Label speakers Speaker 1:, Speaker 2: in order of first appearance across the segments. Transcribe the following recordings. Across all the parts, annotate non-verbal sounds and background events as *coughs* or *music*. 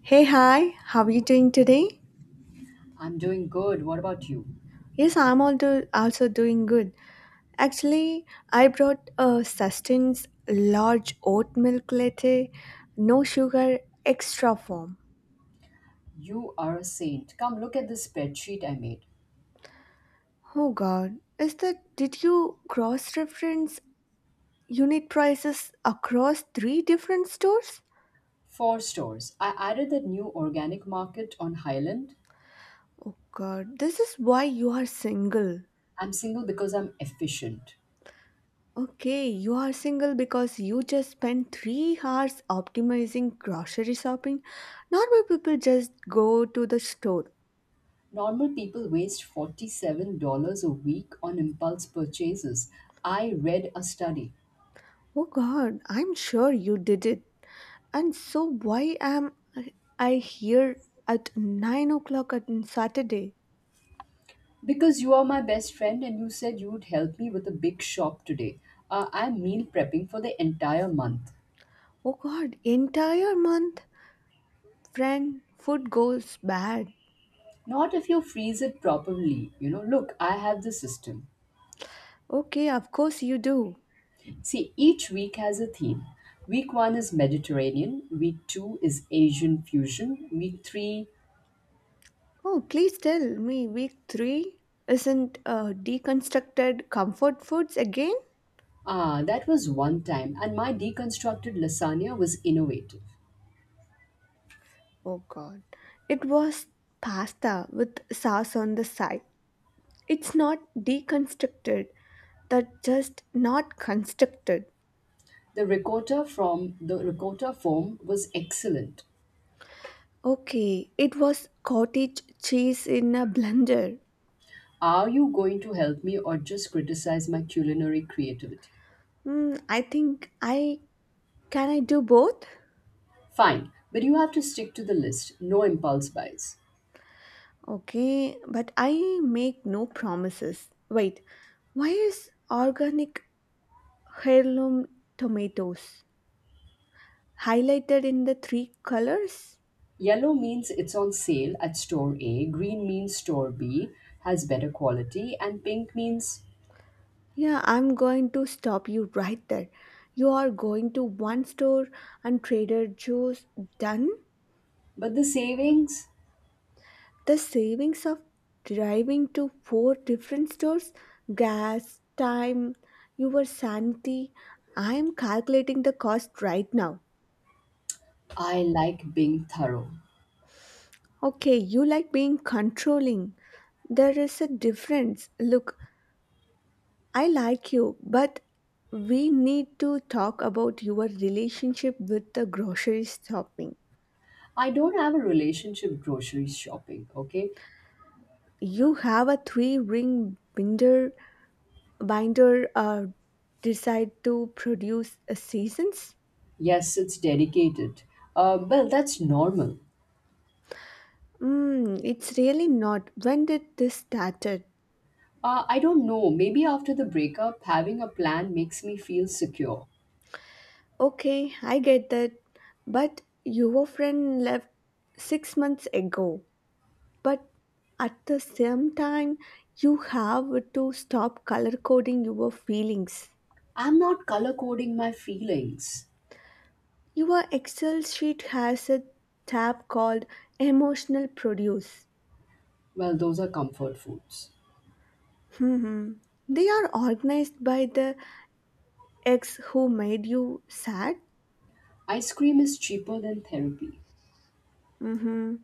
Speaker 1: Hey, hi, how are you doing today?
Speaker 2: I'm doing good. What about you?
Speaker 1: Yes, I'm also doing good. Actually, I brought a sustenance large oat milk latte, no sugar, extra foam.
Speaker 2: You are a saint. Come look at this spreadsheet I made.
Speaker 1: Oh god, is that did you cross reference unit prices across three different stores?
Speaker 2: Four stores. I added the new organic market on Highland.
Speaker 1: Oh god, this is why you are single.
Speaker 2: I'm single because I'm efficient.
Speaker 1: Okay, you are single because you just spent 3 hours optimizing grocery shopping. Normal people just go to the store.
Speaker 2: Normal people waste $47 a week on impulse purchases. I read a study.
Speaker 1: Oh god, I'm sure you did it. And so why am I here at 9 o'clock on Saturday?
Speaker 2: Because you are my best friend and you said you would help me with a big shop today. I'm meal prepping for the entire month.
Speaker 1: Oh god, entire month? Friend, food goes bad.
Speaker 2: Not if you freeze it properly. You know, look, I have the system.
Speaker 1: Okay, of course you do.
Speaker 2: See, each week has a theme. Week one is Mediterranean, week two is Asian fusion, week three,
Speaker 1: Oh, please tell me week 3 isn't deconstructed comfort foods again?
Speaker 2: that was one time, and my deconstructed lasagna was innovative.
Speaker 1: Oh god. It was pasta with sauce on the side. It's not deconstructed. That just not constructed.
Speaker 2: The ricotta from the ricotta form was excellent.
Speaker 1: Okay, it was cottage cheese in a blender.
Speaker 2: Are you going to help me or just criticize my culinary creativity?
Speaker 1: Hmm, I think I can I do both?
Speaker 2: Fine, but you have to stick to the list. No impulse buys.
Speaker 1: Okay, but I make no promises. Wait, why is organic heirloom tomatoes highlighted in the three colors?
Speaker 2: Yellow means it's on sale at store A, green means store B has better quality, and pink means,
Speaker 1: Yeah, I'm going to stop you right there. You are going to one store and Trader Joe's, done?
Speaker 2: but the savings,
Speaker 1: The savings of driving to four different stores, gas, time, your sanity. I am calculating the cost right now.
Speaker 2: I like being thorough.
Speaker 1: Okay, you like being controlling. There is a difference. Look, I like you, but we need to talk about your relationship with the grocery shopping.
Speaker 2: I don't have a relationship grocery shopping, okay?
Speaker 1: You have a three ring binder, decide to produce a seasons.
Speaker 2: Yes, it's dedicated. Well, that's normal.
Speaker 1: It's really not. When did this started?
Speaker 2: I don't know, maybe after the breakup, having a plan makes me feel secure.
Speaker 1: Okay, I get that, but your friend left 6 months ago. But at the same time, you have to stop color coding your feelings.
Speaker 2: I'm not color coding my feelings.
Speaker 1: Your Excel sheet has a tab called emotional produce.
Speaker 2: Well, those are comfort foods.
Speaker 1: Hmm. They are organized by the ex who made you sad.
Speaker 2: Ice cream is cheaper than therapy.
Speaker 1: Hmm.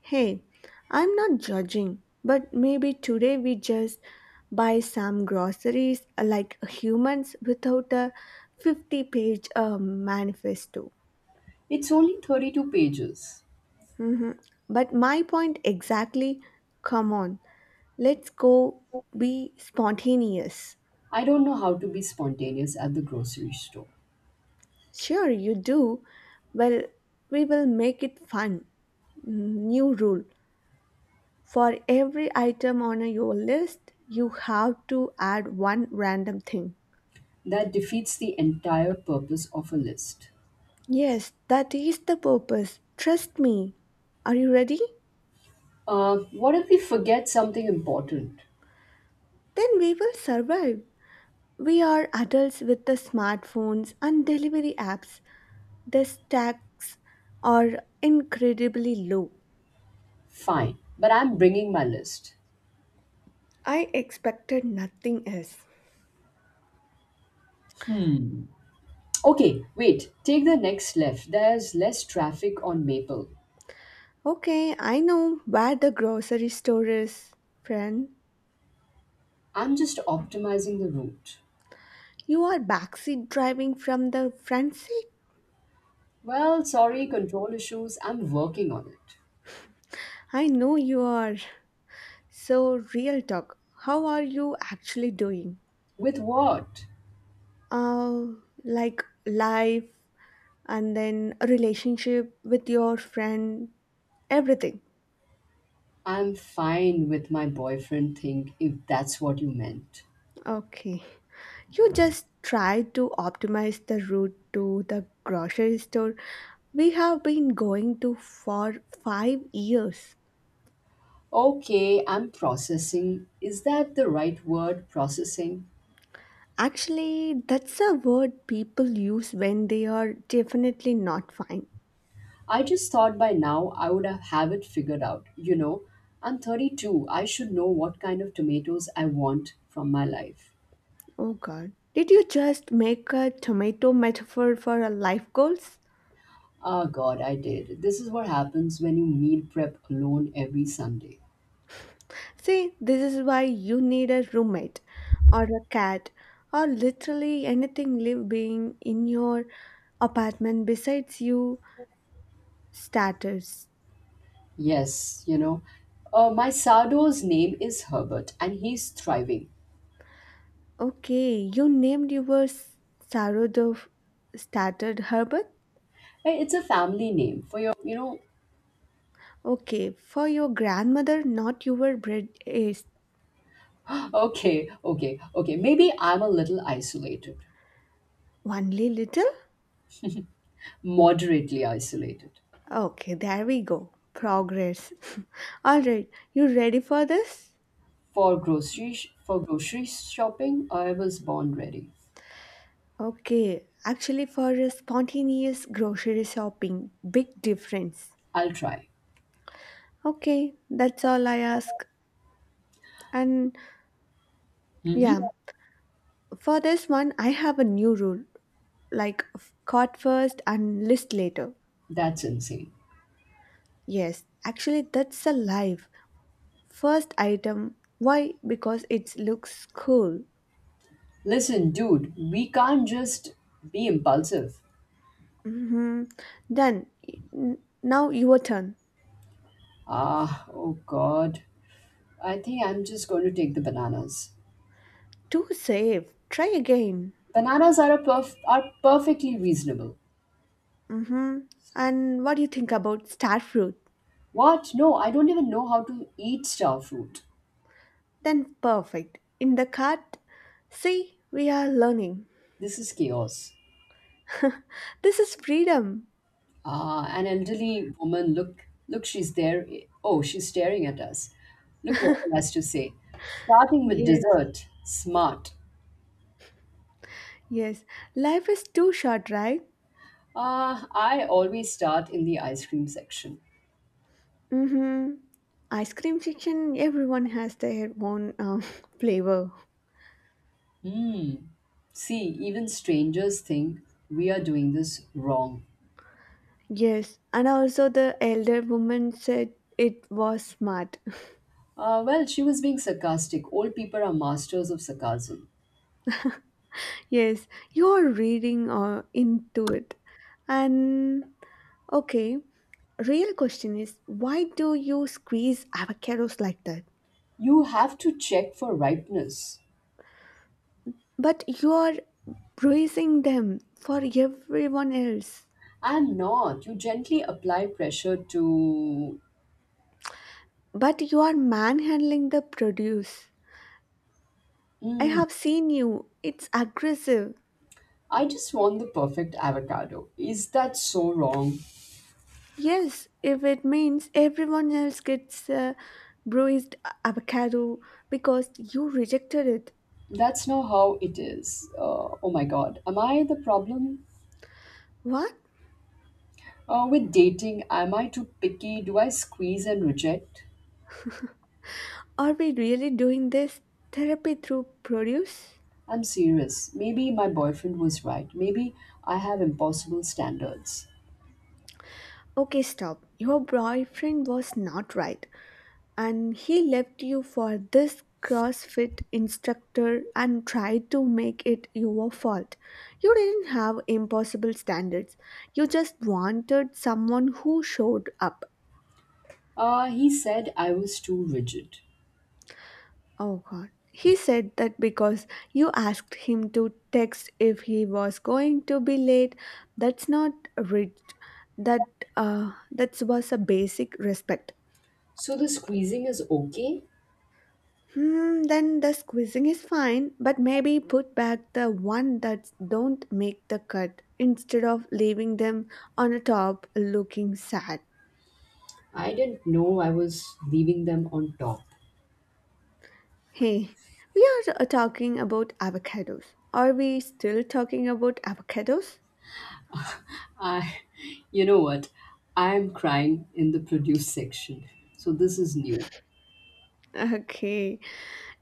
Speaker 1: Hey, I'm not judging, but maybe today we just buy some groceries like humans without a 50 page manifesto.
Speaker 2: It's only 32 pages.
Speaker 1: Hmm. But my point exactly. Come on, let's go be spontaneous.
Speaker 2: I don't know how to be spontaneous at the grocery store.
Speaker 1: Sure, you do. Well, we will make it fun. New rule. For every item on your list, you have to add one random thing.
Speaker 2: That defeats the entire purpose of a list.
Speaker 1: Yes, that is the purpose. Trust me. Are you ready?
Speaker 2: Uh, what if we forget something important?
Speaker 1: Then we will survive. We are adults with the smartphones and delivery apps. The stacks are incredibly low.
Speaker 2: Fine, but I'm bringing my list.
Speaker 1: I expected nothing else.
Speaker 2: Hmm. Okay, wait. Take the next left. There's less traffic on Maple.
Speaker 1: Okay, I know where the grocery store is, friend.
Speaker 2: I'm just optimizing the route.
Speaker 1: You are backseat driving from the front seat.
Speaker 2: Well, sorry, control issues. I'm working on it.
Speaker 1: I know you are. So, real talk, how are you actually doing?
Speaker 2: With what?
Speaker 1: Uh, like life and then a relationship with your friend, everything.
Speaker 2: I'm fine with my boyfriend thing if that's what you meant.
Speaker 1: Okay. You just try to optimize the route to the grocery store. We have been going to for 5 years.
Speaker 2: Okay, I'm processing. Is that the right word, processing?
Speaker 1: Actually, that's a word people use when they are definitely not fine.
Speaker 2: I just thought by now I would have it figured out. You know, I'm 32. I should know what kind of tomatoes I want from my life.
Speaker 1: Oh God, did you just make a tomato metaphor for a life goals?
Speaker 2: Ah, God, I did. This is what happens when you meal prep alone every Sunday.
Speaker 1: See, this is why you need a roommate or a cat or literally anything live being in your apartment besides you starters.
Speaker 2: Yes, you know. My Sado's name is Herbert and he's thriving.
Speaker 1: Okay, you named your sourdough Starter Herbert.
Speaker 2: Hey, it's a family name for your,
Speaker 1: Okay, for your grandmother, not your bread is
Speaker 2: Okay. Maybe I'm a little isolated,
Speaker 1: only little.
Speaker 2: moderately isolated.
Speaker 1: Okay, there we go. Progress. *laughs* All right, you ready for this?
Speaker 2: For for grocery shopping, I was born ready.
Speaker 1: Okay, actually, for a spontaneous grocery shopping, big difference.
Speaker 2: I'll try.
Speaker 1: Okay, that's all I ask. And
Speaker 2: Hmm.
Speaker 1: yeah, for this one, I have a new rule like cart first and list later.
Speaker 2: That's insane.
Speaker 1: Yes, actually, that's a live first item. Why? Because it looks cool.
Speaker 2: Listen, dude, we can't just be impulsive.
Speaker 1: Mm-hmm. Then, now your turn.
Speaker 2: Ah, oh God. I think I'm just going to take the bananas.
Speaker 1: Too safe. Try again.
Speaker 2: Bananas are perfectly reasonable.
Speaker 1: Mm-hmm. And what do you think about starfruit?
Speaker 2: What? No, I don't even know how to eat star fruit.
Speaker 1: Then perfect. In the cart. See, we are learning.
Speaker 2: This is chaos.
Speaker 1: *laughs* This is freedom.
Speaker 2: An elderly woman, look, she's there. Oh, she's staring at us. Look what she has to say. Starting with
Speaker 1: Yes.
Speaker 2: dessert, smart.
Speaker 1: Yes. Life is too short, right?
Speaker 2: I always start in the ice cream section.
Speaker 1: Mm-hmm. Ice cream section, everyone has their own *laughs* flavor.
Speaker 2: Hmm. See, even strangers think we are doing this wrong.
Speaker 1: Yes. And also the elder woman said it was smart. *laughs*
Speaker 2: Well, she was being sarcastic. Old people are masters of sarcasm.
Speaker 1: Yes. You're reading into it. And, okay, real question is why do you squeeze avocados like that?
Speaker 2: You have to check for ripeness.
Speaker 1: But you are praising them for everyone else.
Speaker 2: I'm not. You gently apply pressure to.
Speaker 1: But you are manhandling the produce. I
Speaker 2: Hmm,
Speaker 1: have seen you. It's aggressive.
Speaker 2: I just want the perfect avocado. Is that so wrong?
Speaker 1: Yes, if it means everyone else gets a bruised avocado because you rejected it.
Speaker 2: That's not how it is. Oh my god. Am I the problem?
Speaker 1: What?
Speaker 2: With dating, am I too picky? Do I squeeze and reject?
Speaker 1: Are we really doing this therapy through produce?
Speaker 2: I'm serious. Maybe my boyfriend was right. Maybe I have impossible standards.
Speaker 1: Okay, stop. Your boyfriend was not right. And he left you for this CrossFit instructor and tried to make it your fault. You didn't have impossible standards. You just wanted someone who showed up.
Speaker 2: He said I was too rigid.
Speaker 1: Oh god. He said that because you asked him to text if he was going to be late. That's not rigid. That that was a basic respect.
Speaker 2: So the squeezing is okay?
Speaker 1: Hmm, then the squeezing is fine, but maybe put back the one that don't make the cut instead of leaving them on the top looking sad.
Speaker 2: I didn't know I was leaving them on top.
Speaker 1: Hey, we are talking about avocados. Are we still talking about avocados? *laughs*
Speaker 2: I, *laughs* you know what? I am crying in the produce section. So this is new.
Speaker 1: Okay,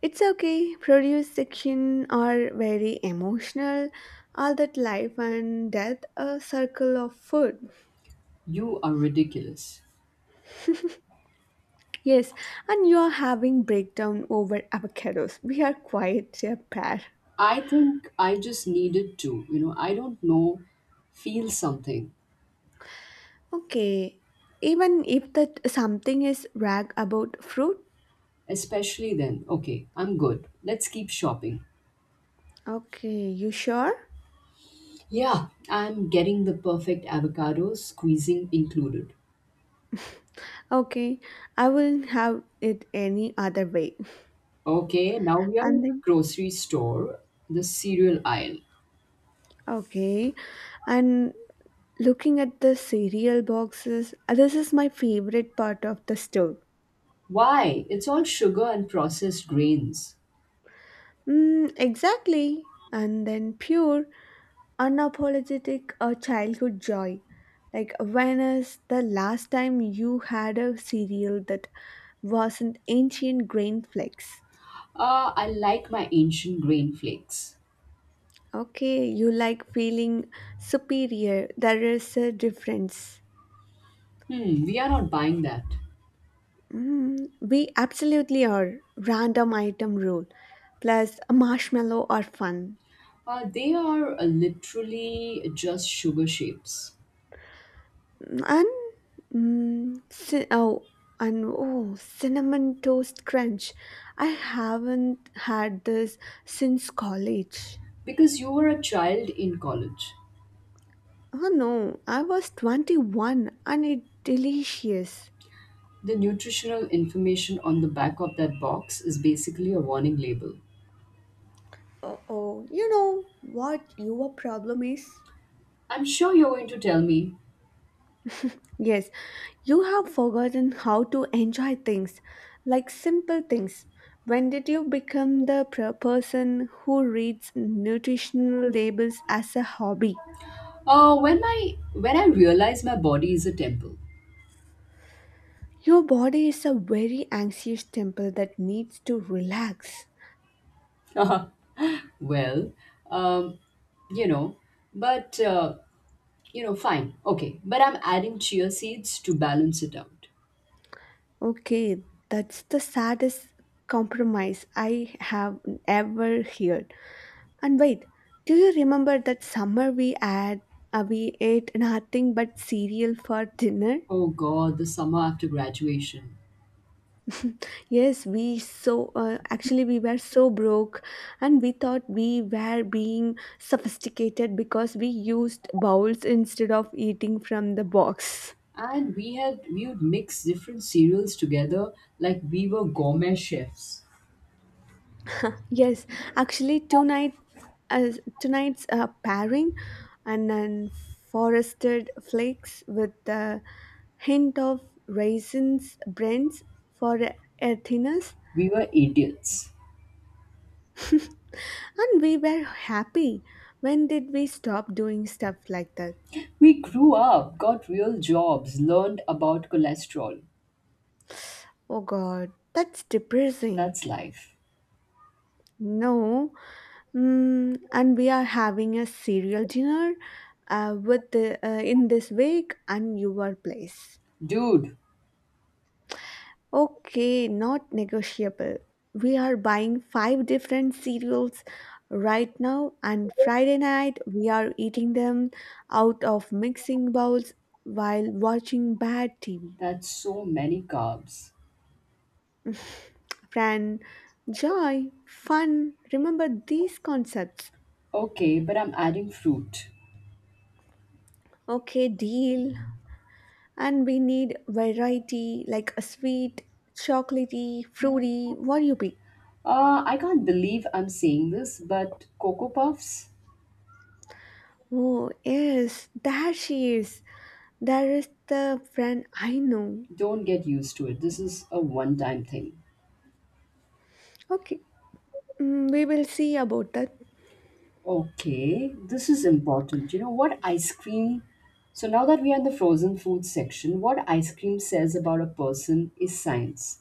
Speaker 1: it's okay. Produce section are very emotional. All that life and death a circle of food.
Speaker 2: You are ridiculous.
Speaker 1: Yes, and you are having breakdown over avocados. We are quite a pair.
Speaker 2: I think I just needed to, I don't know, feel something.
Speaker 1: Okay, even if that something is rag about fruit.
Speaker 2: Especially then, okay, I'm good. Let's keep shopping.
Speaker 1: Okay, you sure?
Speaker 2: Yeah, I'm getting the perfect avocado, squeezing included.
Speaker 1: Okay, I will have it any other way.
Speaker 2: Okay, now we are in
Speaker 1: And
Speaker 2: the
Speaker 1: then,
Speaker 2: grocery store, the cereal aisle.
Speaker 1: okay, and looking at the cereal boxes, this is my favorite part of the store.
Speaker 2: Why? It's all sugar and processed grains.
Speaker 1: Mm, exactly. And then pure unapologetic childhood joy. Like, when is the last time you had a cereal that wasn't ancient grain flakes?
Speaker 2: I like my ancient grain flakes.
Speaker 1: Okay, you like feeling superior. There is a difference.
Speaker 2: Hmm, we are not buying that.
Speaker 1: We absolutely are. Random item rule. Plus, a marshmallow or fun.
Speaker 2: They are literally just sugar shapes.
Speaker 1: And mm, ci- oh, cinnamon toast crunch. I haven't had this since college.
Speaker 2: Because you were a child in college,
Speaker 1: Oh no, I was 21 and it delicious.
Speaker 2: the nutritional information on the back of that box is basically a warning label.
Speaker 1: Oh, you know what your problem is?
Speaker 2: I'm sure you're going to tell me,
Speaker 1: Yes, you have forgotten how to enjoy things, like simple things. When did you become the person who reads nutritional labels as a hobby?
Speaker 2: when my when I realize my body is a temple.
Speaker 1: Your body is a very anxious temple that needs to relax.
Speaker 2: *laughs* well, um, you know, but uh, Fine, okay. But I'm adding chia seeds to balance it out.
Speaker 1: Okay, that's the saddest compromise I have ever heard. And wait, do you remember that summer we ate nothing but cereal for dinner?
Speaker 2: Oh god, the summer after graduation.
Speaker 1: Yes, we so actually we were so broke and we thought we were being sophisticated because we used bowls instead of eating from the box.
Speaker 2: And we would mix different cereals together like we were gourmet chefs.
Speaker 1: Yes, actually, tonight, as tonight's pairing, and then forested flakes with a hint of raisins, brands for earthiness,
Speaker 2: We were idiots.
Speaker 1: and we were happy. When did we stop doing stuff like that?
Speaker 2: We grew up, got real jobs, learned about cholesterol.
Speaker 1: Oh God, that's depressing.
Speaker 2: That's life.
Speaker 1: No, and we are having a cereal dinner with in this week and your place.
Speaker 2: Dude,
Speaker 1: Okay, not negotiable. We are buying five different cereals right now, and Friday night we are eating them out of mixing bowls while watching bad TV.
Speaker 2: that's so many carbs.
Speaker 1: Friend, joy, fun, remember these concepts.
Speaker 2: Okay, but I'm adding fruit.
Speaker 1: Okay, deal. And we need variety like a sweet, chocolatey, fruity, what you pick.
Speaker 2: I can't believe I'm saying this, but Cocoa Puffs,
Speaker 1: Oh, yes, there she is. There is the friend I know.
Speaker 2: don't get used to it. This is a one time thing.
Speaker 1: Okay, we will see about that.
Speaker 2: Okay, this is important. You know what ice cream? So now that we are in the frozen food section, what ice cream says about a person is science.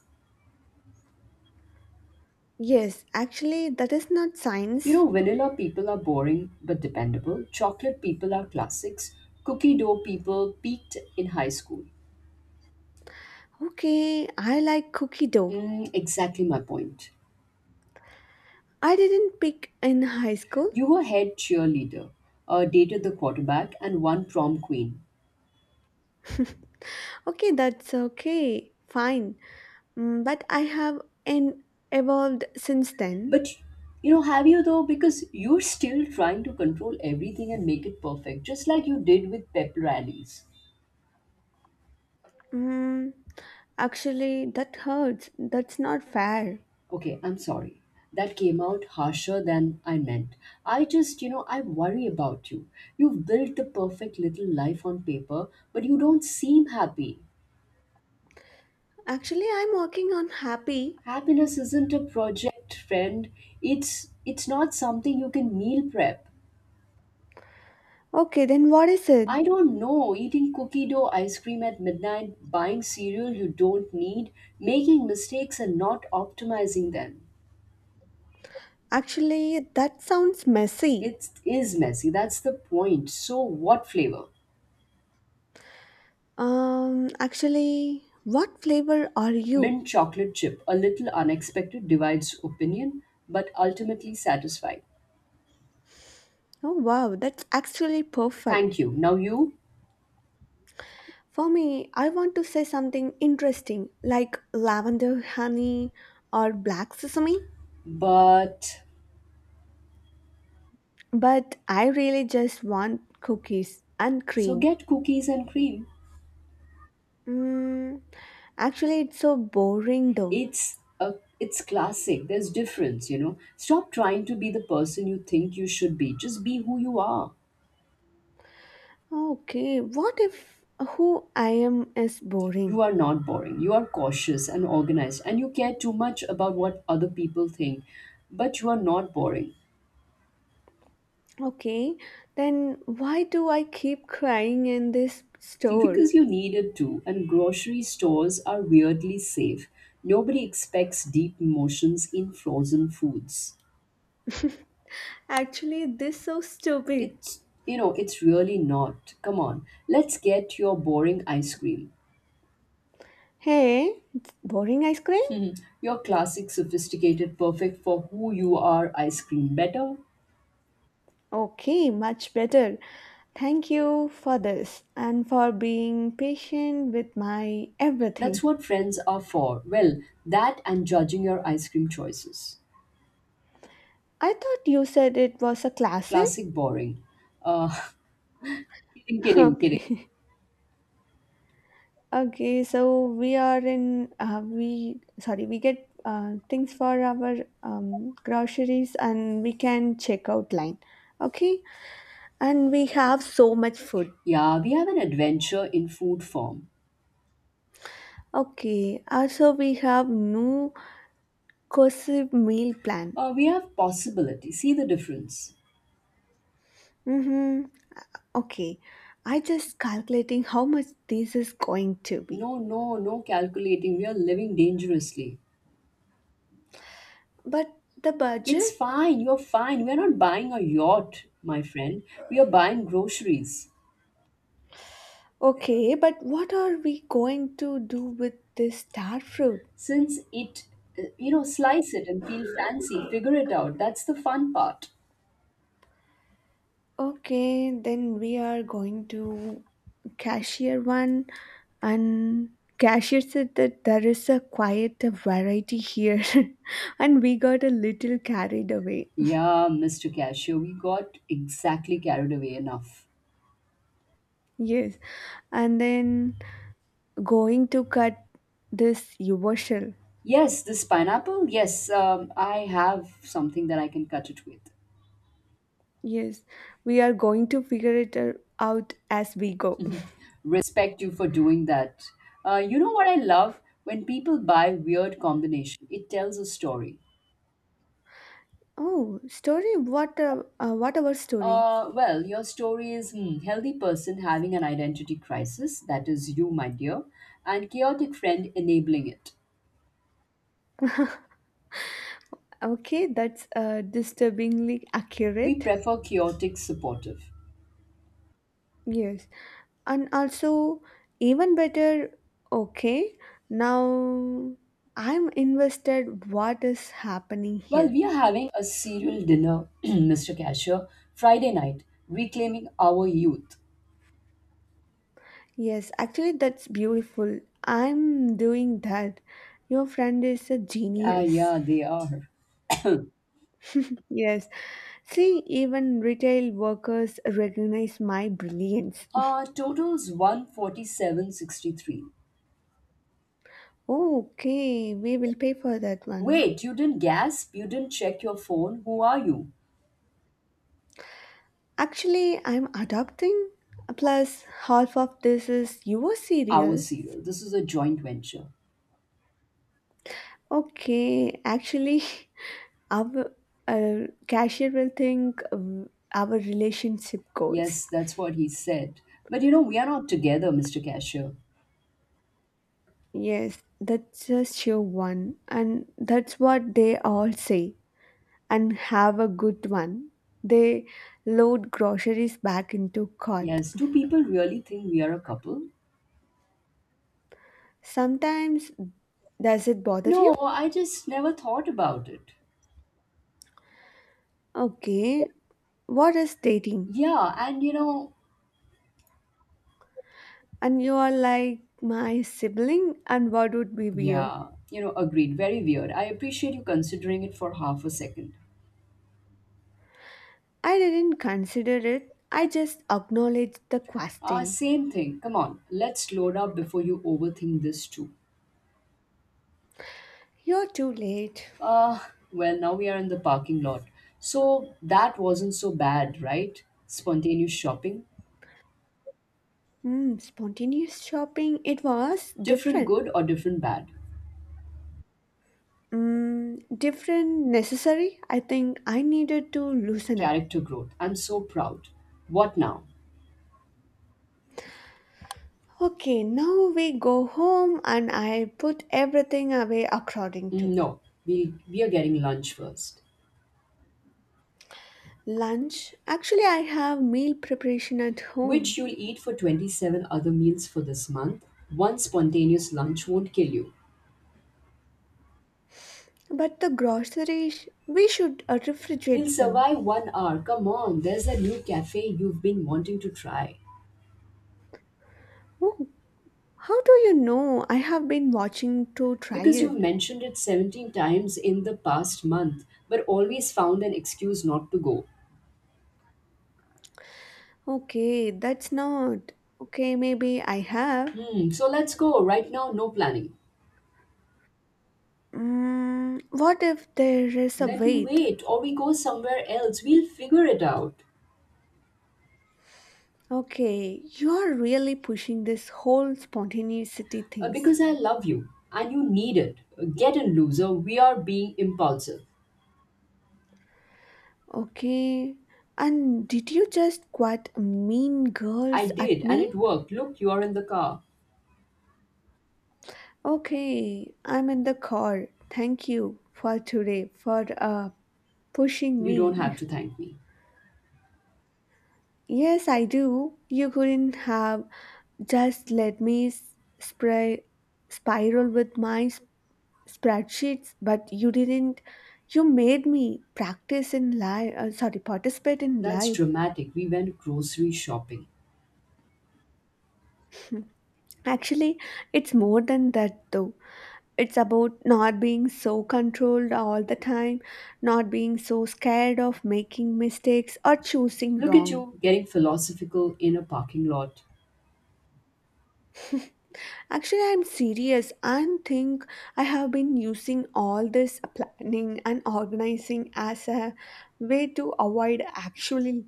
Speaker 1: Yes, actually, that is not
Speaker 2: You
Speaker 1: science.
Speaker 2: know, vanilla people are boring but dependable. Chocolate people are classics. Cookie dough people peaked in high school.
Speaker 1: Okay, I like cookie dough.
Speaker 2: Mm, exactly my point.
Speaker 1: I didn't pick in high school.
Speaker 2: You were head cheerleader, dated the quarterback, and one prom queen.
Speaker 1: *laughs* Okay, that's okay, fine. But I have evolved since then.
Speaker 2: But you know, have you though? Because you're still trying to control everything and make it perfect, just like you did with pep rallies.
Speaker 1: Mm, Actually, that hurts. That's not fair.
Speaker 2: Okay, I'm sorry. That came out harsher than I meant. I just, you know, I worry about you. You've built the perfect little life on paper, but you don't seem happy.
Speaker 1: Actually, I'm working on happy.
Speaker 2: Happiness isn't a project, friend. It's not something you can meal prep.
Speaker 1: Okay, then what is it?
Speaker 2: I don't know. Eating cookie dough ice cream at midnight, buying cereal you don't need, making mistakes and not optimizing them.
Speaker 1: Actually, that sounds messy.
Speaker 2: It is messy. That's the point. So, what flavor?
Speaker 1: Actually, what flavor are you?
Speaker 2: Mint chocolate chip, a little unexpected, divides opinion, but ultimately satisfied.
Speaker 1: Oh, wow, that's actually perfect.
Speaker 2: Thank you. Now you,
Speaker 1: For me, I want to say something interesting like lavender honey or black sesame,
Speaker 2: but
Speaker 1: but I really just want cookies and
Speaker 2: so
Speaker 1: cream.
Speaker 2: get cookies and cream.
Speaker 1: Mm, Actually, it's so boring though.
Speaker 2: It's classic. There's difference, you know. Stop trying to be the person you think you should be. Just be who you are.
Speaker 1: Okay, what if who I am is
Speaker 2: You
Speaker 1: boring?
Speaker 2: are not boring. You are cautious and organized, and you care too much about what other people think. But you are not boring.
Speaker 1: Okay, then why do I keep crying in this
Speaker 2: *laughs*
Speaker 1: store?
Speaker 2: Because you needed to, and grocery stores are weirdly safe. Nobody expects deep emotions in frozen foods.
Speaker 1: Actually, this so stupid.
Speaker 2: It's, you know, it's really not. Come on, let's get your boring ice cream.
Speaker 1: Hey, it's boring ice cream?
Speaker 2: Your classic, sophisticated, perfect for who you are ice cream better.
Speaker 1: Okay, much better. Thank you for this and for being patient with my
Speaker 2: That's
Speaker 1: everything.
Speaker 2: what friends are for. Well, that and judging your ice cream choices.
Speaker 1: I thought you said it was a classic.
Speaker 2: Classic boring. Uh, *laughs* Kidding,
Speaker 1: *laughs*
Speaker 2: kidding, kidding.
Speaker 1: Okay. Okay, so we are in we get things for our groceries and we can check out line. Okay? And we have so much food.
Speaker 2: Yeah, we have an adventure in food form.
Speaker 1: Okay, also we have no cohesive meal plan.
Speaker 2: We have possibility. See the difference.
Speaker 1: Mm-hmm. Okay. I just calculating how much this is going to be.
Speaker 2: No, no, no calculating. We are living dangerously.
Speaker 1: But the
Speaker 2: It's
Speaker 1: budget?
Speaker 2: fine. You're fine. We're not buying a yacht, my friend. We are buying groceries.
Speaker 1: Okay, but what are we going to do with this star fruit?
Speaker 2: Since it, you know, slice it and feel fancy, figure it out. That's the fun part.
Speaker 1: Okay, then we are going to cashier one and cashier said that there is a quite a variety here *laughs* and we got a little carried away. *laughs*
Speaker 2: Yeah, Mr. Cashier, we got exactly carried away enough.
Speaker 1: Yes. And then going to cut this usual.
Speaker 2: Yes, this pineapple. Yes, I have something that I can cut it with.
Speaker 1: Yes, we are going to figure it out as we go. *laughs*
Speaker 2: Respect you for doing that. You know what I love? When people buy weird combination, it tells a story.
Speaker 1: Oh, story? What? What our story?
Speaker 2: Well, your story is healthy person having an identity crisis. That is you, my dear, and chaotic friend enabling it.
Speaker 1: Okay, that's disturbingly
Speaker 2: We
Speaker 1: accurate.
Speaker 2: prefer chaotic supportive.
Speaker 1: Yes, and also even better. Okay, now I'm invested. What is happening
Speaker 2: Well,
Speaker 1: here?
Speaker 2: we are having a serial dinner, *clears throat* Mr. Cashier, Friday night, reclaiming our youth.
Speaker 1: Yes, actually, that's beautiful. I'm doing that. Your friend is a
Speaker 2: Ah,
Speaker 1: genius.
Speaker 2: yeah, they are. *coughs*
Speaker 1: Yes. See, even retail workers recognize my brilliance.
Speaker 2: Total's 147.63.
Speaker 1: Okay, we will pay for that one.
Speaker 2: Wait, you didn't gasp? You didn't check your phone? Who are you?
Speaker 1: Actually, I'm adopting. Plus, half of this is your
Speaker 2: Our
Speaker 1: cereals.
Speaker 2: serial. This is a joint venture.
Speaker 1: Okay, actually, *laughs* our uh, cashier will think of our relationship goals.
Speaker 2: Yes, that's what he said. But you know, we are not together, Mr. Cashier.
Speaker 1: Yes, that's just your one, and that's what they all say. And have a good one. They load groceries back into cart.
Speaker 2: Yes, do people really think we are a couple?
Speaker 1: Sometimes, does it bother
Speaker 2: No,
Speaker 1: you?
Speaker 2: I just never thought about it.
Speaker 1: Okay, what is dating?
Speaker 2: Yeah, and you know,
Speaker 1: And you are like my sibling, and what would be weird?
Speaker 2: yeah, you know, agreed. Very weird. I appreciate you considering it for half a second.
Speaker 1: I didn't consider it, I just acknowledged the question.
Speaker 2: Same thing. Come on, let's load up before you overthink this too.
Speaker 1: You're too late.
Speaker 2: Uh, well, now we are in the parking lot. So that wasn't so bad, right? Spontaneous shopping.
Speaker 1: Spontaneous shopping, it was
Speaker 2: Different
Speaker 1: different.
Speaker 2: good or different bad?
Speaker 1: Different, necessary. I think I needed to loosen up.
Speaker 2: Character growth. I'm so proud. What now?
Speaker 1: Okay, now we go home and I put everything away according
Speaker 2: Mm,
Speaker 1: to
Speaker 2: no, we are getting lunch first.
Speaker 1: lunch. Actually, I have meal preparation at
Speaker 2: Which
Speaker 1: home,
Speaker 2: you'll eat for 27 other meals for this month. One spontaneous lunch won't kill you.
Speaker 1: but the groceries we should
Speaker 2: We'll
Speaker 1: refrigerate them.
Speaker 2: survive 1 hour. Come on, there's a new cafe you've been wanting to try.
Speaker 1: Oh, how do you know? I have been watching to try
Speaker 2: Because you've
Speaker 1: it.
Speaker 2: mentioned it 17 times in the past month, but always found an excuse not to go.
Speaker 1: Okay, that's not. Okay, maybe I have.
Speaker 2: Hmm, so let's go. Right now, no planning.
Speaker 1: What if there is a
Speaker 2: Then we
Speaker 1: wait?
Speaker 2: wait or we go somewhere else. We'll figure it out.
Speaker 1: Okay, you are really pushing this whole spontaneity things.
Speaker 2: Because I love you and you need it. Get in, loser. We are being impulsive.
Speaker 1: Okay. And did you just quite mean
Speaker 2: I
Speaker 1: girls at
Speaker 2: did and it
Speaker 1: me?
Speaker 2: worked. Look, you are in the car.
Speaker 1: Okay, I'm in the car. Thank you for today for pushing
Speaker 2: You don't have
Speaker 1: me.
Speaker 2: to
Speaker 1: *laughs*
Speaker 2: thank me.
Speaker 1: Yes, I do. You couldn't have just let me s- spray spiral with my spreadsheets, but you didn't. You made me practice in life, sorry, participate in
Speaker 2: That's
Speaker 1: life.
Speaker 2: dramatic. We went grocery shopping.
Speaker 1: Actually, it's more than that though. It's about not being so controlled all the time, not being so scared of making mistakes or choosing
Speaker 2: Look at
Speaker 1: wrong.
Speaker 2: you getting philosophical in a parking lot.
Speaker 1: Actually, I'm serious and think I have been using all this planning and organizing as a way to avoid actually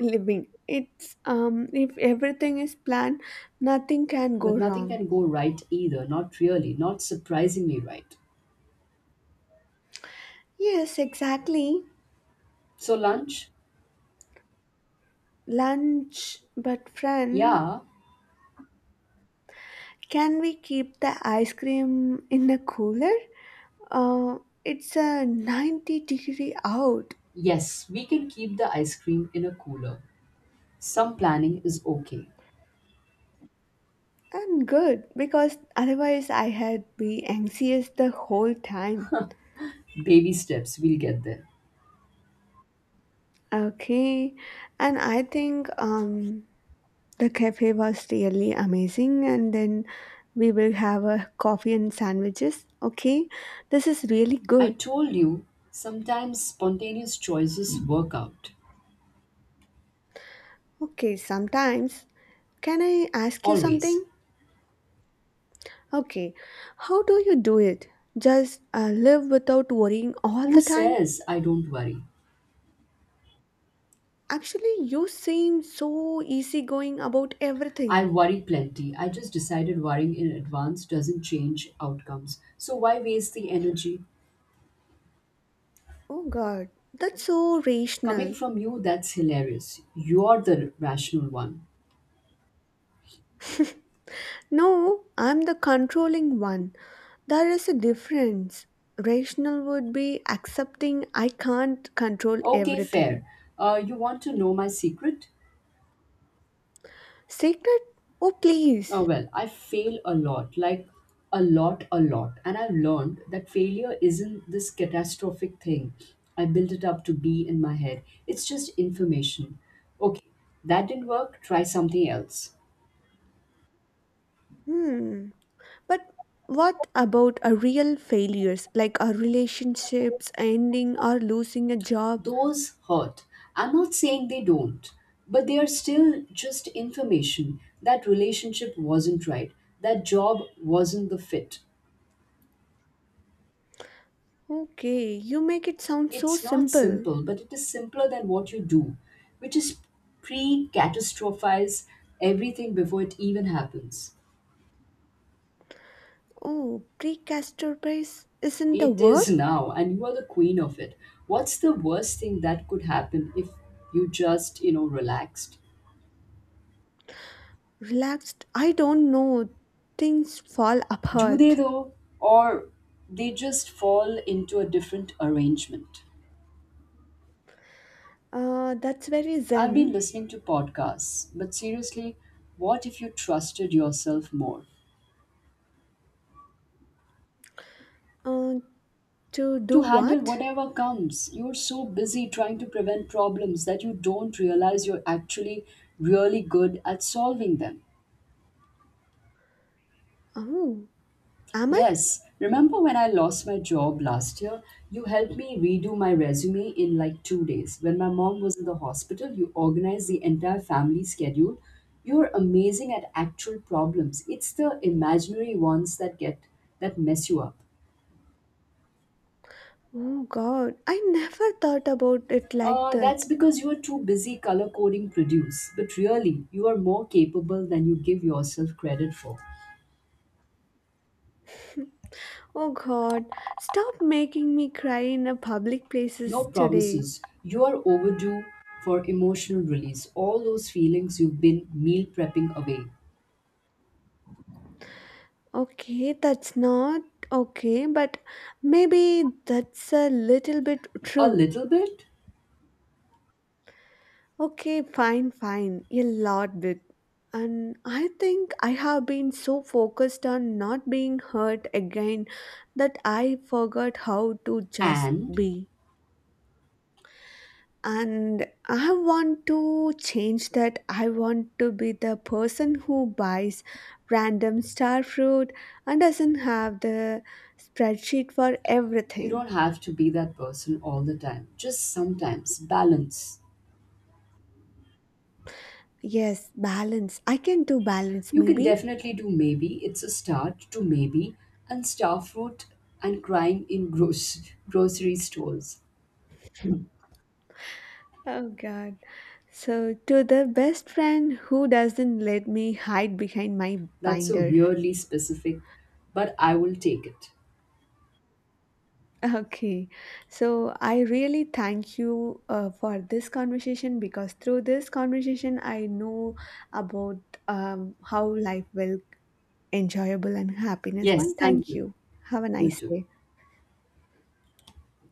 Speaker 1: living. It's if everything is planned, nothing can go
Speaker 2: But nothing
Speaker 1: wrong.
Speaker 2: can go right either, not really, not surprisingly right.
Speaker 1: Yes, exactly.
Speaker 2: So, lunch?
Speaker 1: Lunch, but friend,
Speaker 2: Yeah,
Speaker 1: can we keep the ice cream in the cooler? Uh, it's a 90-degree out,
Speaker 2: yes, we can keep the ice cream in a cooler. Some planning is okay.
Speaker 1: and good because otherwise I had be anxious the whole time.
Speaker 2: Baby steps, we'll get there.
Speaker 1: Okay, and I think the cafe was really amazing and then we will have a coffee and sandwiches. Okay, this is really
Speaker 2: I
Speaker 1: good.
Speaker 2: told you, sometimes spontaneous choices work out.
Speaker 1: Okay, sometimes can I ask you
Speaker 2: Always.
Speaker 1: something? Okay, how do you do it? Just live without worrying all
Speaker 2: Who
Speaker 1: the time?
Speaker 2: says I don't worry?
Speaker 1: Actually, you seem so easygoing about
Speaker 2: I
Speaker 1: everything.
Speaker 2: worry plenty. I just decided worrying in advance doesn't change outcomes. So why waste the energy?
Speaker 1: Oh god, that's so
Speaker 2: Coming
Speaker 1: rational.
Speaker 2: from you, that's hilarious. You're the rational one.
Speaker 1: No, I'm the controlling one. There is a difference. Rational would be accepting I can't control
Speaker 2: Okay,
Speaker 1: everything.
Speaker 2: fair. You want to know my secret?
Speaker 1: Sacred? Oh please.
Speaker 2: Well, I fail a lot, like a lot, a lot. And I've learned that failure isn't this catastrophic thing I built it up to be in my head. It's just information. Okay, that didn't work, try something else.
Speaker 1: Hmm. But what about a real failures like our relationships ending or losing a job?
Speaker 2: Those hurt. I'm not saying they don't, but they are still just information. That relationship wasn't right, that job wasn't the fit.
Speaker 1: Okay, you make it sound so
Speaker 2: It's not
Speaker 1: simple.
Speaker 2: simple, but it is simpler than what you do, which is pre catastrophize everything before it even happens.
Speaker 1: Oh, precastroprise isn't a
Speaker 2: It
Speaker 1: word?
Speaker 2: is now, and you are the queen of it. What's the worst thing that could happen if you just, you know, relaxed?
Speaker 1: Relaxed, I don't know. Things fall
Speaker 2: Do they
Speaker 1: apart.
Speaker 2: though? Or they just fall into a different arrangement?
Speaker 1: That's very
Speaker 2: I've been
Speaker 1: zen.
Speaker 2: listening to podcasts, but seriously, what if you trusted yourself more?
Speaker 1: Uh, to do
Speaker 2: To handle
Speaker 1: what?
Speaker 2: whatever comes. You're so busy trying to prevent problems that you don't realize you're actually really good at solving them.
Speaker 1: Oh, am I?
Speaker 2: Yes, remember when I lost my job last year? You helped me redo my resume in like 2 days. When my mom was in the hospital, you organized the entire family schedule. You're amazing at actual problems. It's the imaginary ones that get that mess you up.
Speaker 1: Oh god, I never thought about it like that.
Speaker 2: That's because you are too busy color coding produce, but really, you are more capable than you give yourself credit for.
Speaker 1: Oh god, stop making me cry in a public
Speaker 2: No
Speaker 1: places today.
Speaker 2: promises. You are overdue for emotional release. All those feelings you've been meal prepping away.
Speaker 1: Okay, that's not okay, but maybe that's a little bit
Speaker 2: A
Speaker 1: true.
Speaker 2: little bit,
Speaker 1: Okay, fine, fine, a lot bit. And I think I have been so focused on not being hurt again that I forgot how to just
Speaker 2: and
Speaker 1: be. And I want to change that. I want to be the person who buys random star fruit and doesn't have the spreadsheet for
Speaker 2: you
Speaker 1: everything.
Speaker 2: don't have to be that person all the time. Just sometimes. Balance.
Speaker 1: Yes, balance. I can do balance,
Speaker 2: You can
Speaker 1: maybe.
Speaker 2: definitely do maybe. It's a start to maybe, and star fruit and crying in grocery stores.
Speaker 1: Oh god. So to the best friend who doesn't let me hide behind my
Speaker 2: That's a
Speaker 1: binder.
Speaker 2: weirdly specific, but I will take it.
Speaker 1: Okay, so I really thank you for this conversation because through this conversation, I know about how life will enjoyable and happiness. One,
Speaker 2: Yes, thank
Speaker 1: thank
Speaker 2: you.
Speaker 1: you. Have a
Speaker 2: You
Speaker 1: nice
Speaker 2: too.
Speaker 1: day.